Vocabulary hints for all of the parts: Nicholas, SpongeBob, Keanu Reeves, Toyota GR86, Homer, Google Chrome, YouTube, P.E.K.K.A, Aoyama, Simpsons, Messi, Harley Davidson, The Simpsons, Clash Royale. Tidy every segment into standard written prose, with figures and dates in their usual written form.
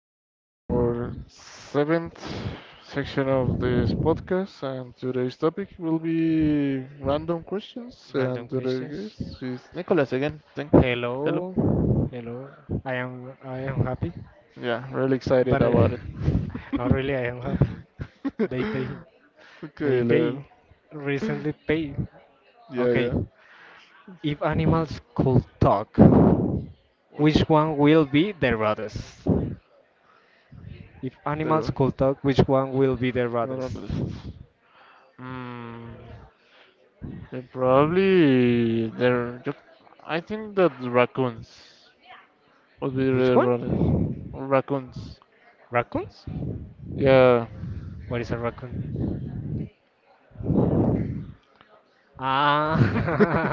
everybody to our seventh section of this podcast, and today's topic will be random questions, and Random today's questions. guest is Nicholas again. Thanks. Hello. Hello, hello. I am happy, Yeah, really excited but about it. not really. I am happy. They pay. They Okay, pay. Leo. Recently pay. Yeah, Okay. yeah. If animals Hmm. could talk, Which which one will be the rudest? If animals could talk, which one will be the the rudest? list. Mm, then probably there. I think that raccoons would be Which the one? rather raccoons. Raccoons? Yeah. What is a raccoon?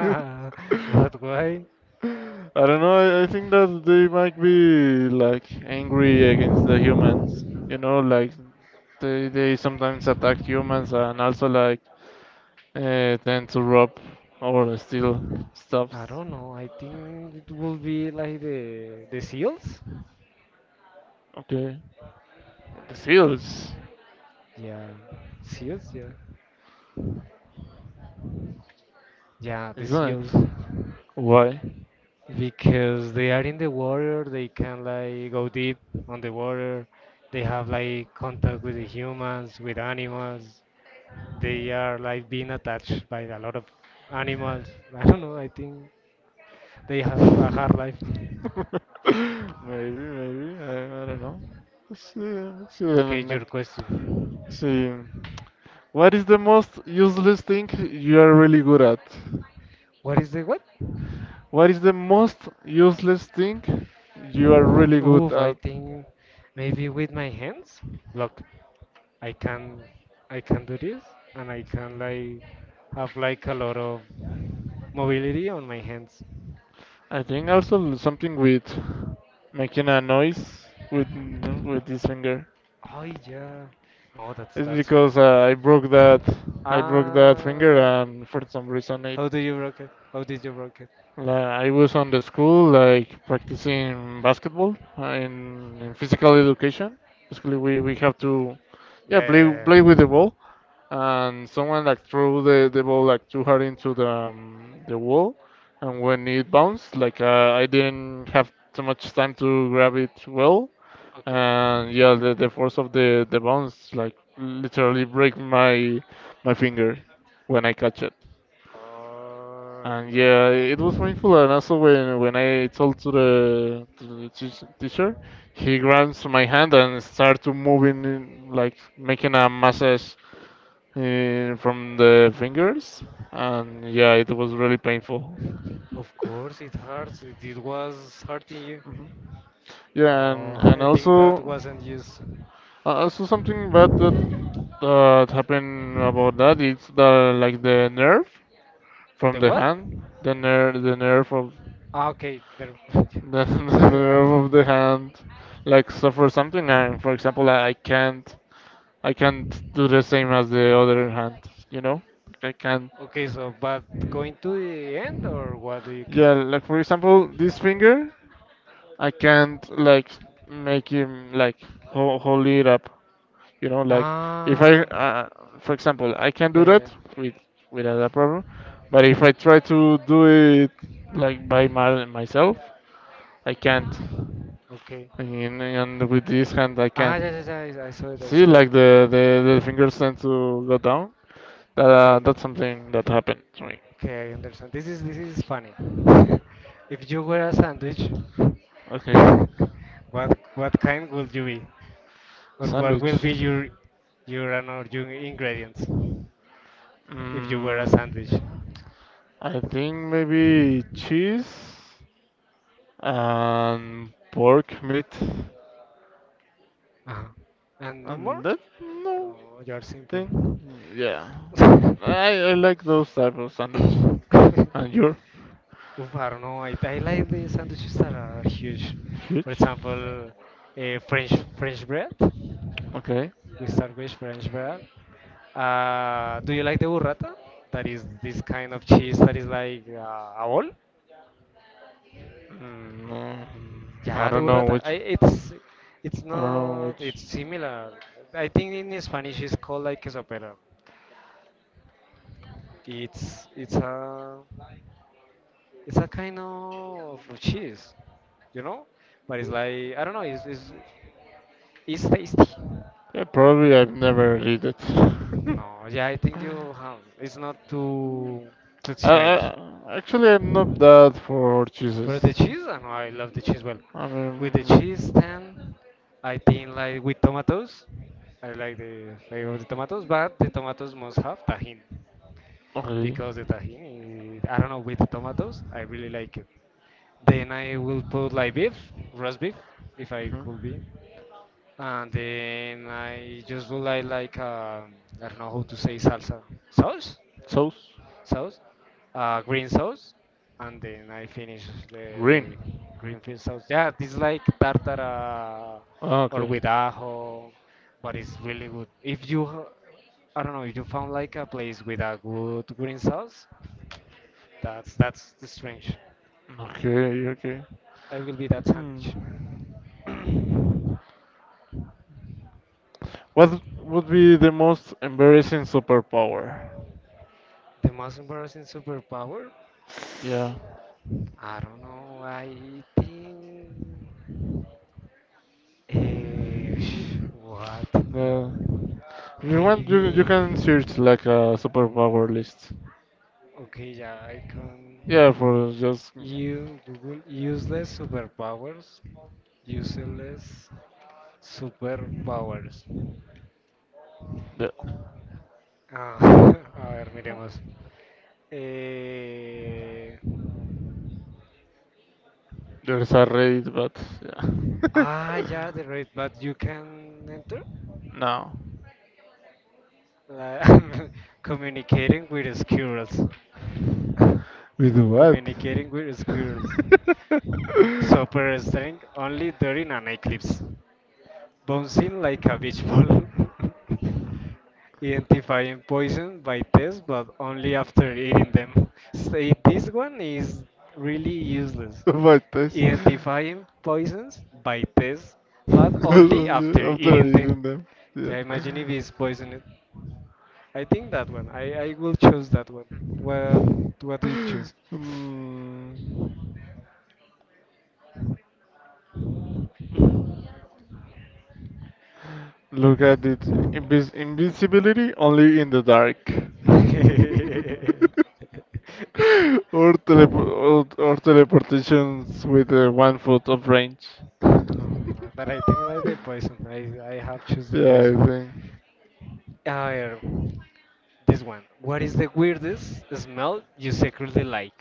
I but why? don't know. I think that they might be like angry against the humans. You know, like they sometimes attack humans and also like tend to rob or steal stuff. I don't know. I think it will be like the seals. Okay, the seals, Yeah, seals. Yeah, yeah, the isn't it? seals. Why? Because they are in the water, they can like go deep on the water. They have like contact with the humans, with animals. They are like being attached by a lot of animals. I don't know. I think they have a hard life. Maybe, maybe. I don't know. Let's see. Let's see. Okay, your question. See. What is the most useless thing you are really good at? What is the what? What is the most useless thing you are really good Oof, I at? think maybe with my hands. Look. I can I can do this and I can like have like a lot of mobility on my hands. I think also something with making a noise with no, with this finger. Oh yeah. No, that's It's that's because I broke that finger ah and for some reason it. how do you broke it? How did you broke it? I was on the school like practicing basketball in physical education. Basically, we have to yeah Yeah, play yeah, play with yeah. the ball and someone like threw the ball like too hard into the wall, and when it bounced, like I didn't have too much time to grab it well, Okay. and yeah, the force of the bounce like literally break my my finger when I catch it. Oh And yeah, it was no. painful. And also when I told to the teacher, he grabs my hand and start to moving in, like making a massage from the fingers, and yeah, it was really painful. Of course, it hurts. It was hurting you. Mhm. Yeah, No, and I think that also wasn't used. Also something bad that that happened about that is that like the nerve from The the what? hand, the nerve of Ah, okay, there. the, the I don't know. nerve of the hand like suffer something, and for example, I can't I can't do the same as the other hand, you know, I can't. Okay, so but going to the end or what do you Yeah, came? like for example, this finger. I can't like make him like hold it up. You know, like if I, Ah, for example, I can yeah, do yeah, that yeah. with without a problem, but if I try to do it like by my, myself, I can't. Okay. And with this hand, I Ah, yeah, can't. yeah, yeah. I saw it. I See, saw it. like the fingers tend to go down. That Okay. that's something that happened to me. Okay, I understand. This is funny. If you were a sandwich, Okay, what kind would you be, or what sandwich. will be your and or your ingredients if you were a Mm, sandwich? I think maybe cheese. And pork meat Uh-huh. And no more? and that no No, you're simple. thing. Yeah, I like those type of sandwich. Oof, And you're I don't know. I like the sandwiches that are huge. For huge. example, French bread. Okay. We start with French bread. Do you like the burrata? That is this kind of cheese that is like a ball. Mm, no, mm, I Yeah, the don't know burrata. Which. It's I don't know not. which. It's similar. I think in Spanish it's called like quesopera. It's it's a It's a kind of cheese, you know, but it's like I don't know. It's tasty. Yeah, probably I've never read it. No, yeah, I think you have. It's not too strange. I, actually, I'm not that for cheeses. For the So, cheese, I know I love the cheese well. I With the cheese, mean, then I think like with tomatoes, I like the flavor of the tomatoes, but the tomatoes must have tahini. okay. Because the tahini, I don't know, with the tomatoes, I really like it. Then I will put like beef, roast beef, if I could be. Hmm. And then I just would like I don't know how to say salsa. Sauce? Sauce? Sauce, green sauce, and then I finish the, the Green. gre- green field sauce. Yeah, this is like tartara Ah, or okay. with ajo, but it's really good. If you ha- I don't know if you found like a place with a good green sauce. That's the strange. Okay, okay. I will be that Hmm. sandwich. What would be the most embarrassing superpower? The most embarrassing superpower? Yeah. I don't know. I think. Eh, what? Yeah. If you want, you Maybe. can search like a superpower list. Okay, yeah, I can. Yeah, for just You Google useless superpowers. Useless superpowers. the, Ah, a ver, miremos. Eh, there's a raid, but yeah. Ah, yeah, the rate, but you can enter No. la- communicating with squirrels. With what? communicating with squirrels. Super strength, only during an eclipse. Bouncing like a beach ball. Identifying poison by taste, but only after eating them. Say this one is really useless. My taste. Identifying poisons by taste, but only after Only after eating eating them. them. Yeah. Yeah, imagine if it's poisoned. I think that one. I will choose that one. What what do you choose? Hmm. Look at it. Invis invisibility only in the dark. Or, telep or teleportations with 1 foot of range. No, but I think like the poison. I have choose the Yeah, poison. I think. Uh, this one. What is the weirdest smell you secretly like?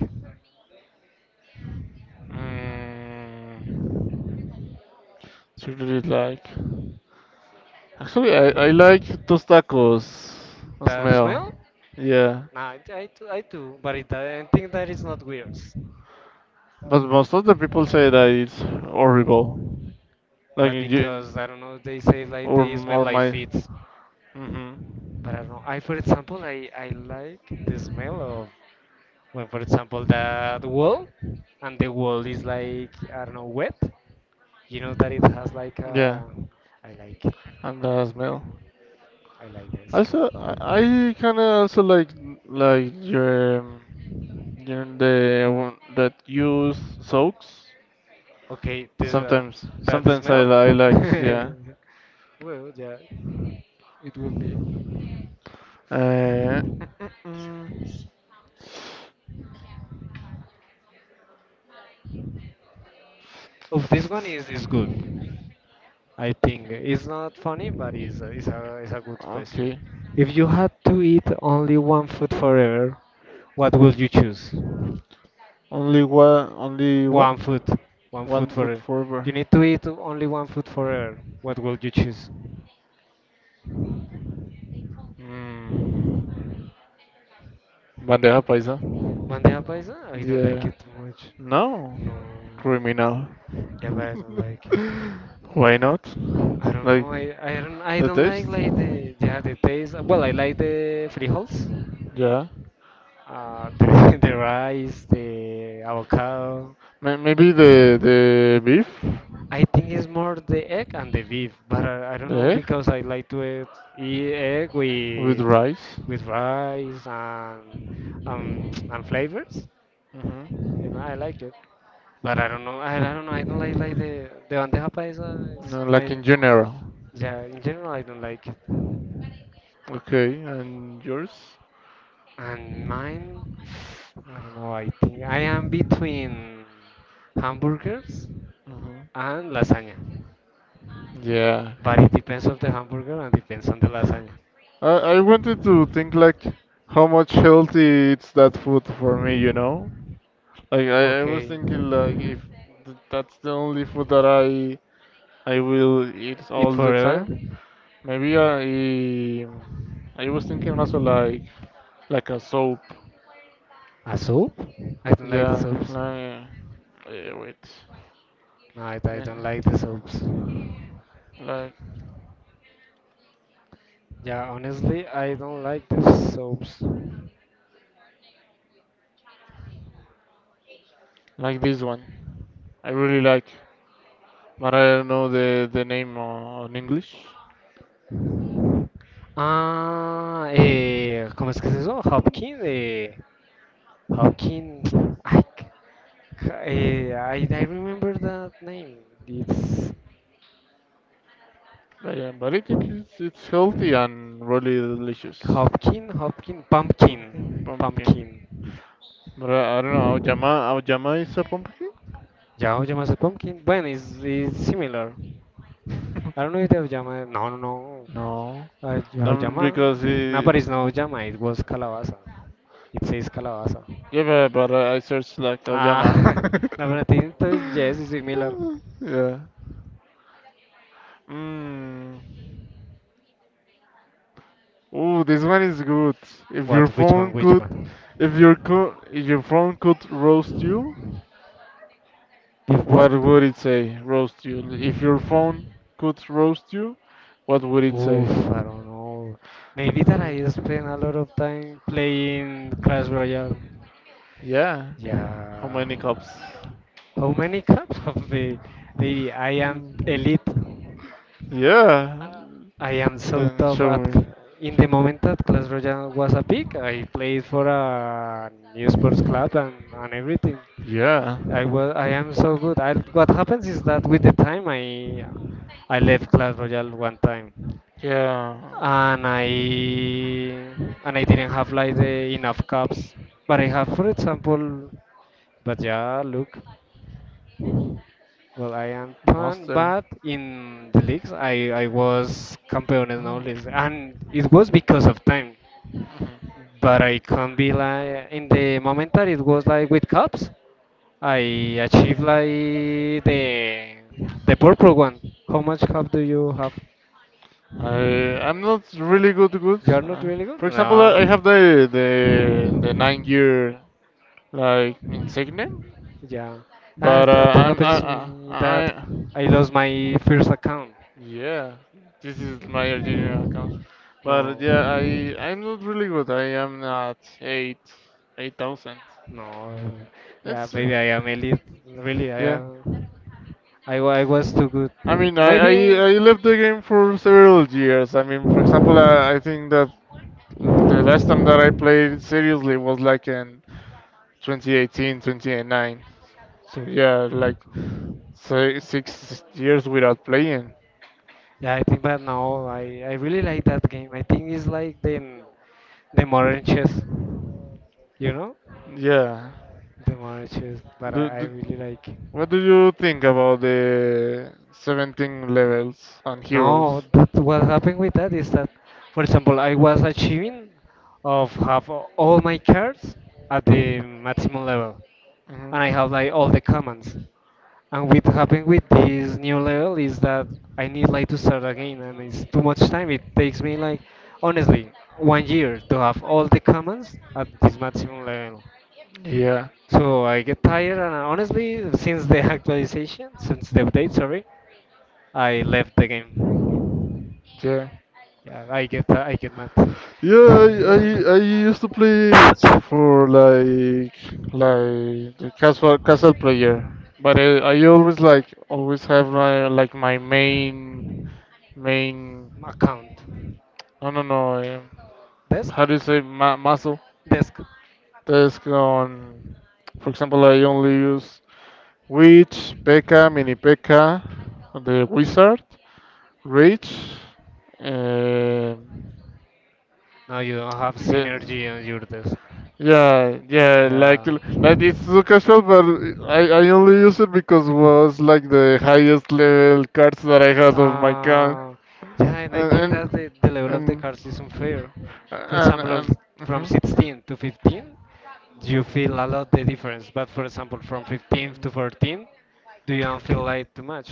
Mm, what you really like. Actually, I like those tacos That smell. smell? Yeah, Nah, I do, but it, I think that is not weird. but most of the people say that it's horrible. Like But you because, I don't know, they say like they smell or like my. feet. Mm-hmm. But I don't know. For example, I like the smell of, when, for example, that wall, and the wall is like, I don't know, wet. You know that it has like Yeah, a, I like and the smell. I like the smell. Also, I kind of also like your the one that use soaks. Okay, this Sometimes, that sometimes I smell. I like yeah. Well, yeah, it will be. Uh, mm, mm, mm. Oh, this one is good. I think it's not funny, but it's a it's a good question. Okay. If you had to eat only one food forever, what would you choose? Only one, only what? One food, one One food food forever. forever. You need to eat only one food forever. What would you choose? Mm, bandeja paisa. Bandeja paisa? I don't like Yeah. it too much. No, No. criminal. Yeah, but I don't like it. Why not? I don't Like know. I don't I the don't taste? like the yeah the taste. Well, I like the frijoles, Yeah. The rice, the avocado. May- Maybe the beef, I think it's more the egg and the beef, but I don't the know egg because I like to eat, eat egg with rice. with rice and flavors. You know, Mm-hmm. I like it, but I don't know. I don't know. I don't like the bandeja paisa is No, like my in general. yeah. In general, I don't like it. Okay, and yours? And mine, I don't know, I think I am between hamburgers Hmm. and lasagna. Yeah. But it depends on the hamburger and depends on the lasagna. I I wanted to think like how much healthy it's that food for me, you know? Like I was Okay, thinking like if th that's the only food that I will eat eat all the forever. time, maybe I was thinking also like a soap. A soup? I don't like the Yeah, soups. like eh, wait, No, I wait, don't like the soups. like Yeah, honestly, I don't like the soaps. like this one. I really like, but I don't know the name on English. Ah, eh, ¿cómo es que es eso? Hopkins, eh, Hopkins. Ay, I remember that name. It's But, yeah, but I think it's healthy and really delicious. Hopkin, Hopkin, Pumpkin, Pumpkin, pumpkin. Pumpkin. But I don't know. Aoyama, Aoyama is a pumpkin? Ya o llamas a Pumpkin. Bueno, it's similar. I don't know if they llama. No, no, no. No, no, Llama. because No, it, but it's no llama. It was calabaza. It says calabaza. yeah, but I searched like Ah, Aoyama. la verdad, entonces yes, it's similar. Yeah. Mm. Oh, this one is good. If your What? Which one? phone Which could, one? if your co if your phone could roast you, If what? what would it say? Roast you. If your phone could roast you, what would it Oof, say? I don't know. Maybe that Uh, I spend a lot of time playing Clash Royale. yeah. How Yeah. many cups? How many cups of the baby? I am Mm, elite. yeah. Uh, I am so Then top show at me. in Show the me. moment that Clash Royale was a peak. I played for a new sports club and everything. Yeah. I am so good. What happens is that with the time I left Clash Royale one time Yeah. and I and I didn't have like the enough cups. But I have, for example, but yeah, look, well, I am pan, Master. but in the leagues, I was campeones no Oh. leagues, and it was because of time. Mhm. But I can't be like in the moment that it was like with cups, I achieved like the purple one. How much cup do you have? I I'm not really good good. You're not really good. For example, I No. have the 9 year like insignia, Yeah, but that, that I'm happens to me that I I lost my first account. yeah. This is my original account, but No, yeah, I I'm not really good. I am at eight eight thousand. no, yeah, It's maybe I am elite. Really, I yeah. am. I was too good. I mean, Maybe, I left the game for several years. I mean, for example, I think that the last time that I played seriously was like in 2018, 2019. So yeah, like si- 6 years without playing. yeah, I think, but now I really like that game. I think it's like the modern chess, you know? Yeah. The modern chess, but Do, I do, really like it. what do you think about the 17 levels and No, heroes? that what happened with that is that, for example, I was achieving of have all my cards at the maximum level, and I Hmm. have like all the commands. And what happened with this new level is that I need like to start again, and it's too much time. It takes me like honestly 1 year to have all the commands at this maximum level. Yeah. So I get tired, and honestly, since the actualization, since the update, sorry, I left the game. Yeah. Yeah, I get mad. Yeah, I used to play it for like the casual casual player, but I always like always have my like my main main Account, I don't know desk, how do you say ma muscle desk. task on. For example, I only use Witch, P.E.K.K.A, Mini P.E.K.K.A, the Wizard, Rage, um Now you have the synergy and you're this. yeah, yeah, Yeah. like it's so casual, but I only use it because was like the highest level cards that Like, I had on my account, Uh, yeah, and I and think and that the level of the cards is and unfair. For example, and from mhm. 16 to 15, you feel a lot the difference. But for example, from 15 to 14, do you don't feel like too much?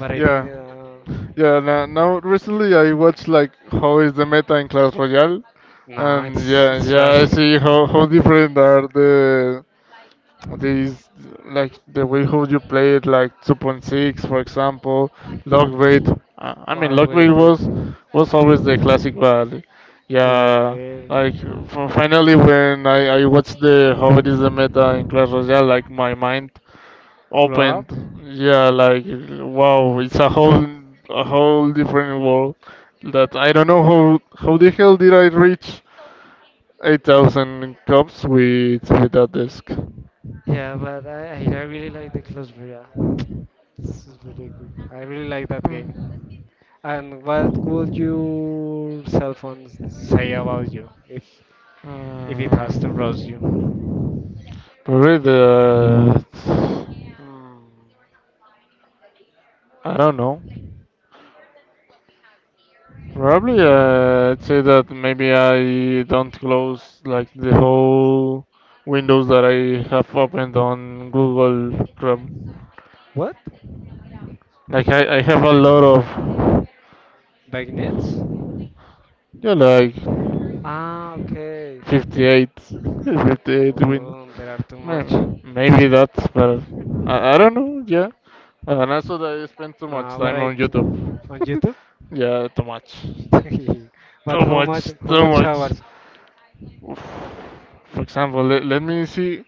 But I think Yeah, yeah. Now, now recently I watched like how is the meta in Clash Royale, nah, and it's yeah, it's yeah, I trash. see how different are the these like the way how you play it, like 2.6, for example, log weight. I mean, What log will weight the was always the classic, but yeah, like will f finally when I watched the how it is the meta in Clash Royale, like my mind blow opened. up? Yeah, like wow, it's a whole different world that I don't know how the hell did I reach 8,000 cups with that disc. Yeah, but I really like the Closbria. This is really good. I really like that game. And what would your cell phone say about you if it has to roast you? Mm, probably the mm, I don't know. Probably I'd say that maybe I don't close like the whole windows that I have opened on Google Chrome. What? Like I have a lot of Bagnet? yeah like Ah, okay. 58 58 windows. Oh, there are too much Maybe, maybe that's better. I don't know, yeah. And also that I spend too much now time on variety YouTube. on YouTube. Yeah, too much. But Too how much much, how too much much. hours? Oof. For example, let, let me see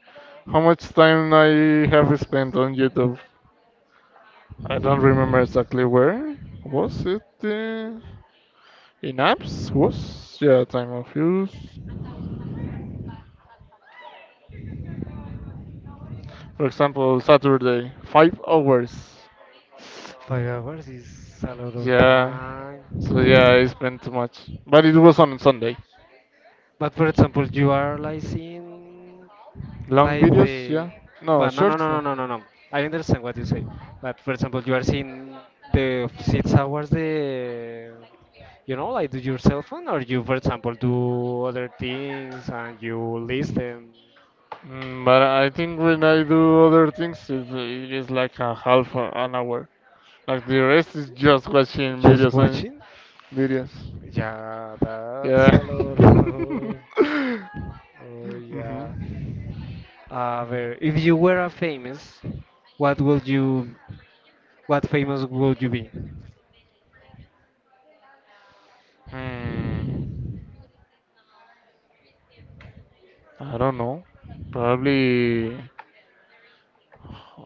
how much time I have spent on YouTube. I don't remember exactly where. Was it in apps? Was? Yeah, time of use. For example, Saturday, 5 hours. 5 hours is a lot of Yeah. time. So yeah, I spent too much. But it was on Sunday. But for example, you are like seeing Long like videos, the yeah. No, but no no no shorts, no no. no no no. I understand what you say. But for example, you are seeing the 6 hours the you know like do your cell phone or you for example do other things and you listen Mm, but I think when I do other things, it is like a half a- an hour. Like the rest is just watching just videos and watching videos. Yeah, that's Yeah. a lot. Oh, yeah. Mhm. Well, if you were a famous, what would you, what famous would you be? Hmm. I don't know. Probably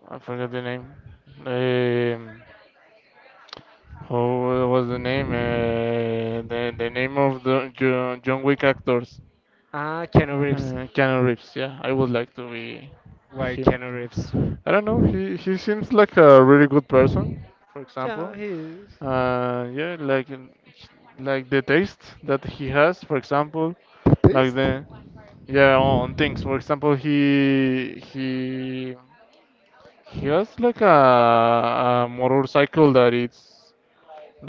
I forgot the name. Um, How was the name? The name of the John, John Wick actors. Ah, Keanu Reeves. Keanu Reeves. Yeah, I would like to be Why him. Keanu Reeves? I don't know. He seems like a really good person. For Yeah, example. he is. Yeah, like like the taste that he has. For example, like Taste? the yeah on things. For example, he has like a motorcycle that it's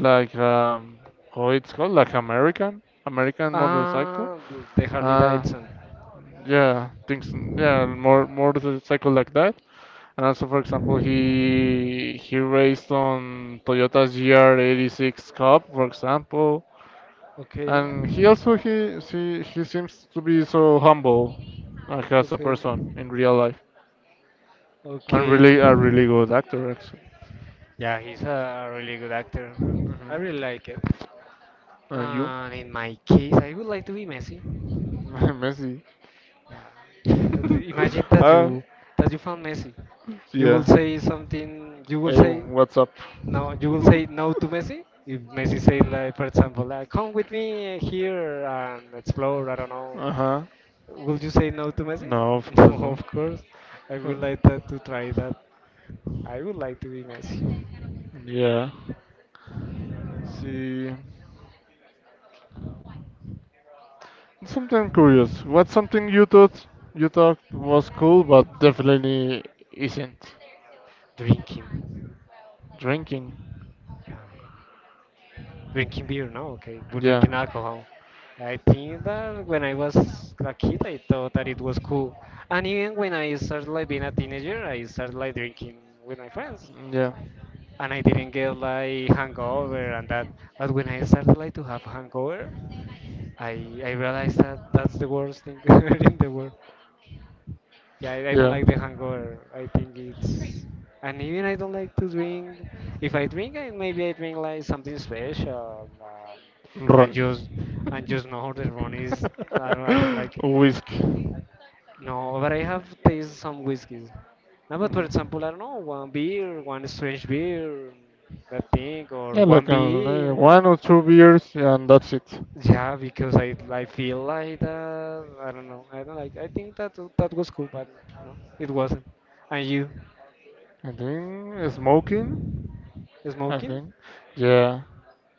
like, how it's called? Like American, American motorcycle. Ah, the Harley Uh, Davidson. yeah, things. Yeah, more motorcycle like that. And also, for example, he raced on Toyota's GR86 Cup, for example. Okay, And he also he seems to be so humble, like as a okay, person in real life, and really okay. a really good actor actually. Yeah, he's a really good actor. I Hmm. really like it. And you, And in my case, I would like to be Messi. Messi. Yeah. Imagine uh, that you found Messi. You will yeah. say something. You will Hey, say what's up? no. You will say no to Messi if Messi say like, for example, like, come with me here and explore. I don't know. Uh huh. Will you say no to Messi? No, of No, course not. of course. I Uh, would like that to try that. I would like to be Messi. Yeah. Let's see. Something curious. What's something you thought was cool, but definitely isn't? Drinking. Drinking. Yeah. Drinking beer, no? Okay. But Yeah. drinking alcohol. I think that when I was a kid, I thought that it was cool. And even when I started like being a teenager, I started like drinking with my friends. Yeah. And I didn't get like hangover and that. But when I started like to have hangover, I, I realized that that's the worst thing ever in the world. Yeah, I don't Yeah. like the hangover. I think it's. And even I don't like to drink. If I drink, I, maybe I drink like something special, Ron. and just and just know the rum is. I don't like it. Whiskey. No, but I have tasted some whiskeys. No, but for Mhm. example, I don't know, one beer, one strange beer, that thing, or Yeah, one like beer, yeah. one or two beers, yeah, and that's it. Yeah, because I feel like that I don't know. I don't like I think that that was cool, but no, it wasn't. And you I think smoking. I smoking? think, yeah.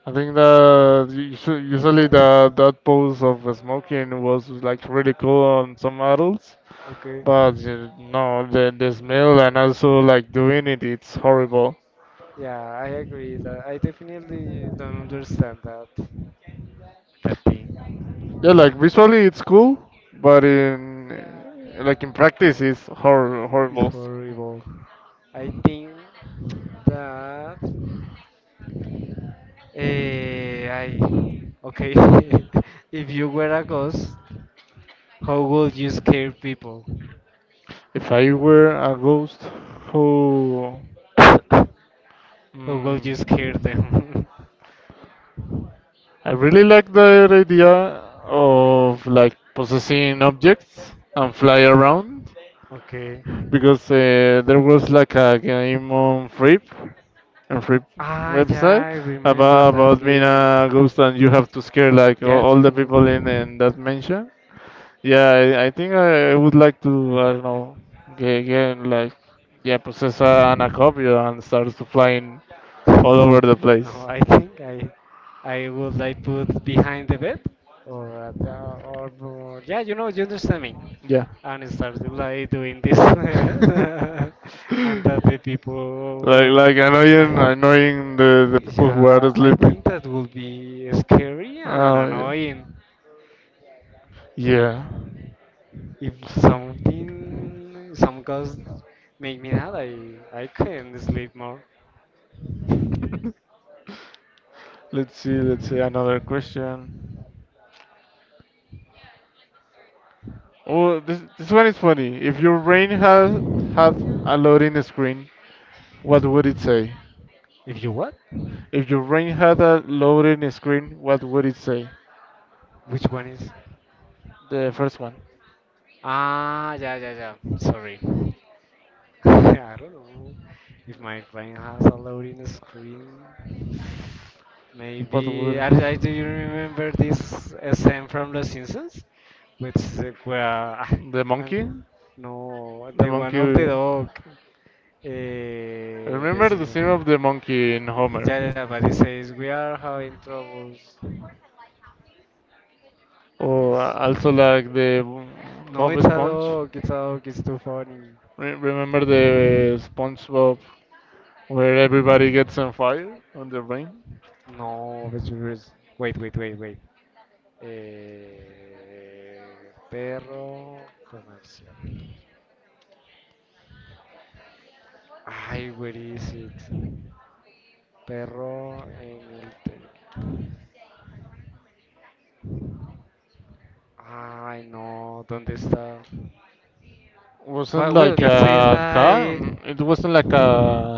I think that usu- usually the that pose of smoking was like really cool on some adults, Okay. but no, the smell and also like doing it, it's horrible. Yeah, I agree that I definitely don't understand that that thing. Yeah, like visually it's cool, but in like in practice it's hor It's horrible. horrible. I think that I okay. If you were a ghost, how would you scare people? If I were a ghost who How would you scare mm, them? I really like the idea of like possessing objects and fly around Okay. because there was like a game on Free Ah, yeah, website I remember that about being game. a ghost and you have to scare like Yeah, all the people you. in that mansion. Yeah, I think I would like to I don't know get like yeah possess a, an acopio and start to flying all over the place. no, I think I would like put behind the bed, or at, the- or yeah, you know, you understand me. Yeah. And I started like doing this, like and that the people, like annoying I, annoying the people who are yeah, I sleeping. think that would be scary and Oh yeah. annoying. Yeah. If something, some cause make me that, I can not sleep more. Let's see another question. Oh this this one is funny. If your brain had had a loading screen, what would it say? If you what? If your brain had a loading screen, what would it say? Which one is? The first one. Ah, yeah, yeah, yeah. Sorry. I don't know. If my phone has a loading screen, What maybe. would I, do you remember this scene from The Simpsons? Which where ah, the monkey? and no, The the one of the monkey dog. The remember the scene of Simpsons. the monkey in Homer? Yeah, yeah, yeah, but it says we are having troubles. Or That's- also like the No, Bob it's a Sponge. dog. It's a dog. It's too funny. Re- remember the SpongeBob where everybody gets on fire on the rain? No, it's yours. Wait, wait, wait, wait. Eh, perro comercial. Ay, where is it? Perro en el table. Ay, no, ¿dónde está? Wasn't But well, like it says a car. N- like It wasn't like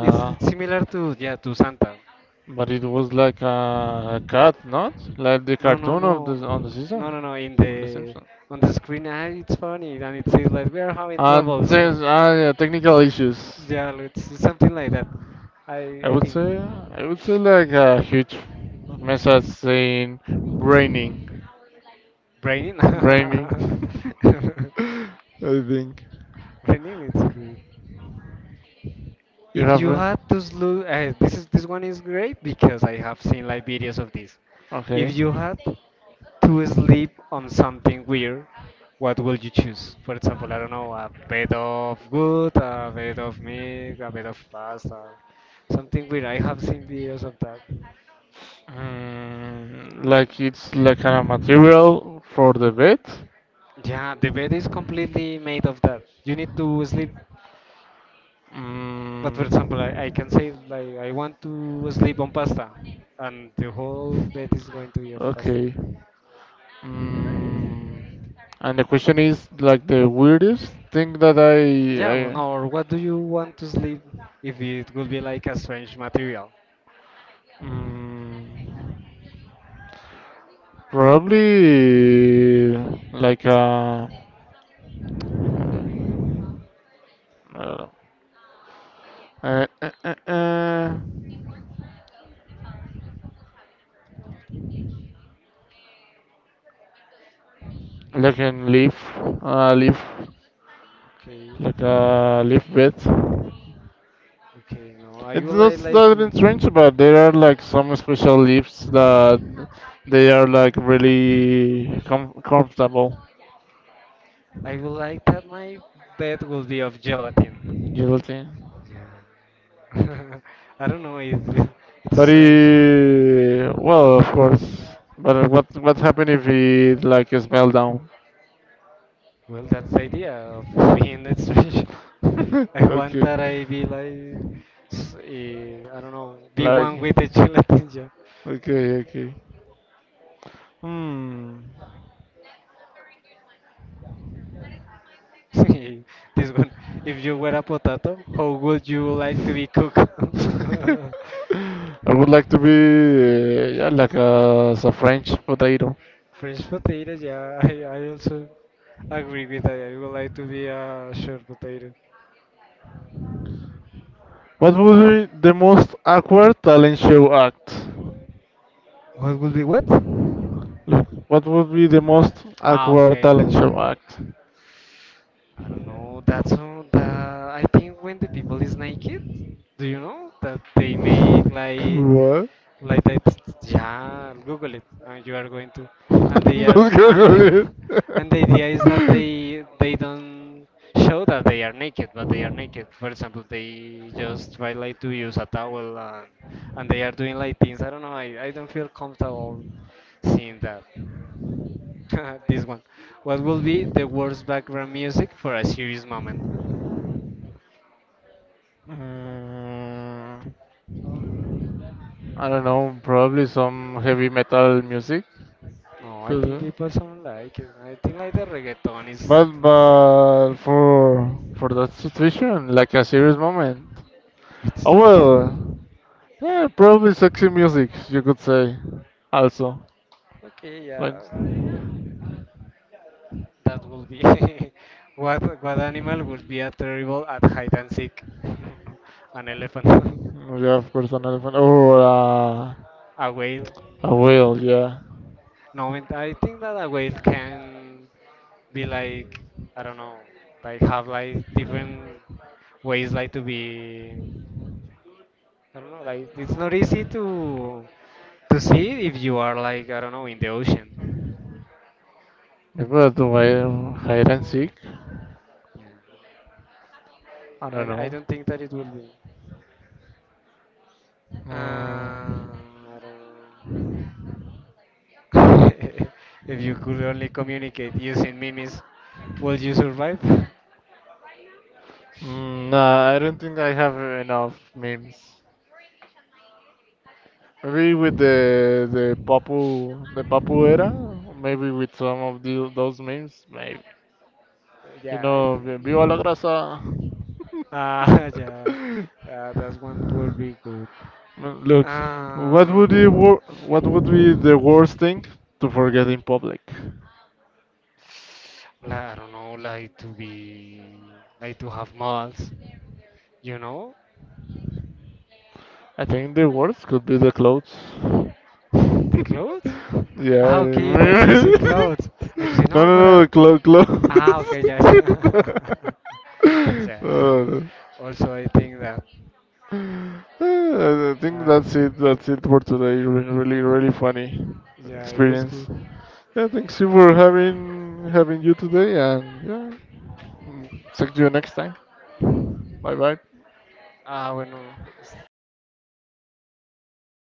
it's similar to yeah to Santa. But it was like a cat, not like the No, no, cartoon of no, the on the no, season, no, no. In on the the Simpsons. on the screen, ah, it's funny, and it says like we are having And trouble. there's So yeah, technical issues. yeah, it's something like that. I I think I would say like a huge message saying raining, braining, raining. I think. braining is good. You If have you a had to slow, this is this one is great because I have seen like videos of this. okay. If you had to sleep on something weird, what would you choose? For example, I don't know, a bed of wood, a bed of meat, a bed of pasta, something weird. I have seen videos of that. Mm, like it's like a material for the bed. Yeah, the bed is completely made of that. You need to sleep. But for Mm, example, I can say like I want to sleep on pasta, and the whole bed is going to be of pasta. okay. Mm, and the question is like the weirdest thing that Yeah, well, I no, or what do you want to sleep if it would be like a strange material? mm, probably like a. Uh, uh, uh, uh, like a leaf, leaf, Okay, like a leaf bed. okay, no, I It's would like not to. that strange, but there are like some special leaves that they are like really com- comfortable. I would like that my bed will be of gelatin. Guilty. Yeah. I don't know, it, it's But strange. he, well, of course. But what happened if he like smell down? Well, that's the idea of being a strange. I want Okay, that I be like, s- I don't know, be like, one with the gelatin, yeah. okay, okay. Hmm. This one, if you were a potato, how would you like to be cooked? I would like to be yeah, like a French potato. Fresh potatoes, yeah, I also agree with that. I would like to be a short potato. What would be the most awkward talent show act? What would be what? Look, what would be the most Ah, awkward okay. talent show act? I don't know. That's all that I think when the people is naked, do you know that they make What? like that? Yeah, Google it, and you are going to, and they are No and they Google and the idea is that they don't show that they are naked, but they are naked. For example, they just try like to use a towel and they are doing like things. I don't know. I don't feel comfortable it. seeing that. This one. What will be the worst background music for a serious moment? Mm, I don't know, probably some heavy metal music. No, I Could think people be. don't like it. I think like the reggaeton is. But for that situation, like a serious moment. It's, Oh well, yeah, probably sexy music you could say. Also, okay, yeah. like That will be. What animal would be a terrible at hide and seek? An elephant. yeah, of course an elephant or A whale. a whale. Yeah, No, and I think that a wave can be like I don't know, like have like different ways like to be. I don't know, like it's not easy to see if you are like I don't know in the ocean. maybe a whale hide and seek. I I, don't d- I know. don't think that it will be. Mm, I don't know. If you could only communicate using memes, will you survive? mm, nah, I don't think I have enough memes. Maybe with the Papu era, maybe with some of the, those memes, maybe. You Yeah, I know, vi- think. viva la grasa. Ah yeah, that one will be good. Mm. Look, what would be Um, wor- what would be the worst thing to forget in public? I don't know, like to be, like to have malls, you know, I think the worst could be the clothes. the clothes. Yeah. Ah, I okay, that you see mean- clothes. And you no, say, no, no, what no, the are? clo- Ah, okay, clothes. yeah, yeah. No, no. Also, I think that, I think I, that's it. That's it for today. Re- Really, really funny yeah, it was good. experience. Yeah, thanks you for having having you today, and yeah, mm, talk you next time. Bye bye. Ah, bueno.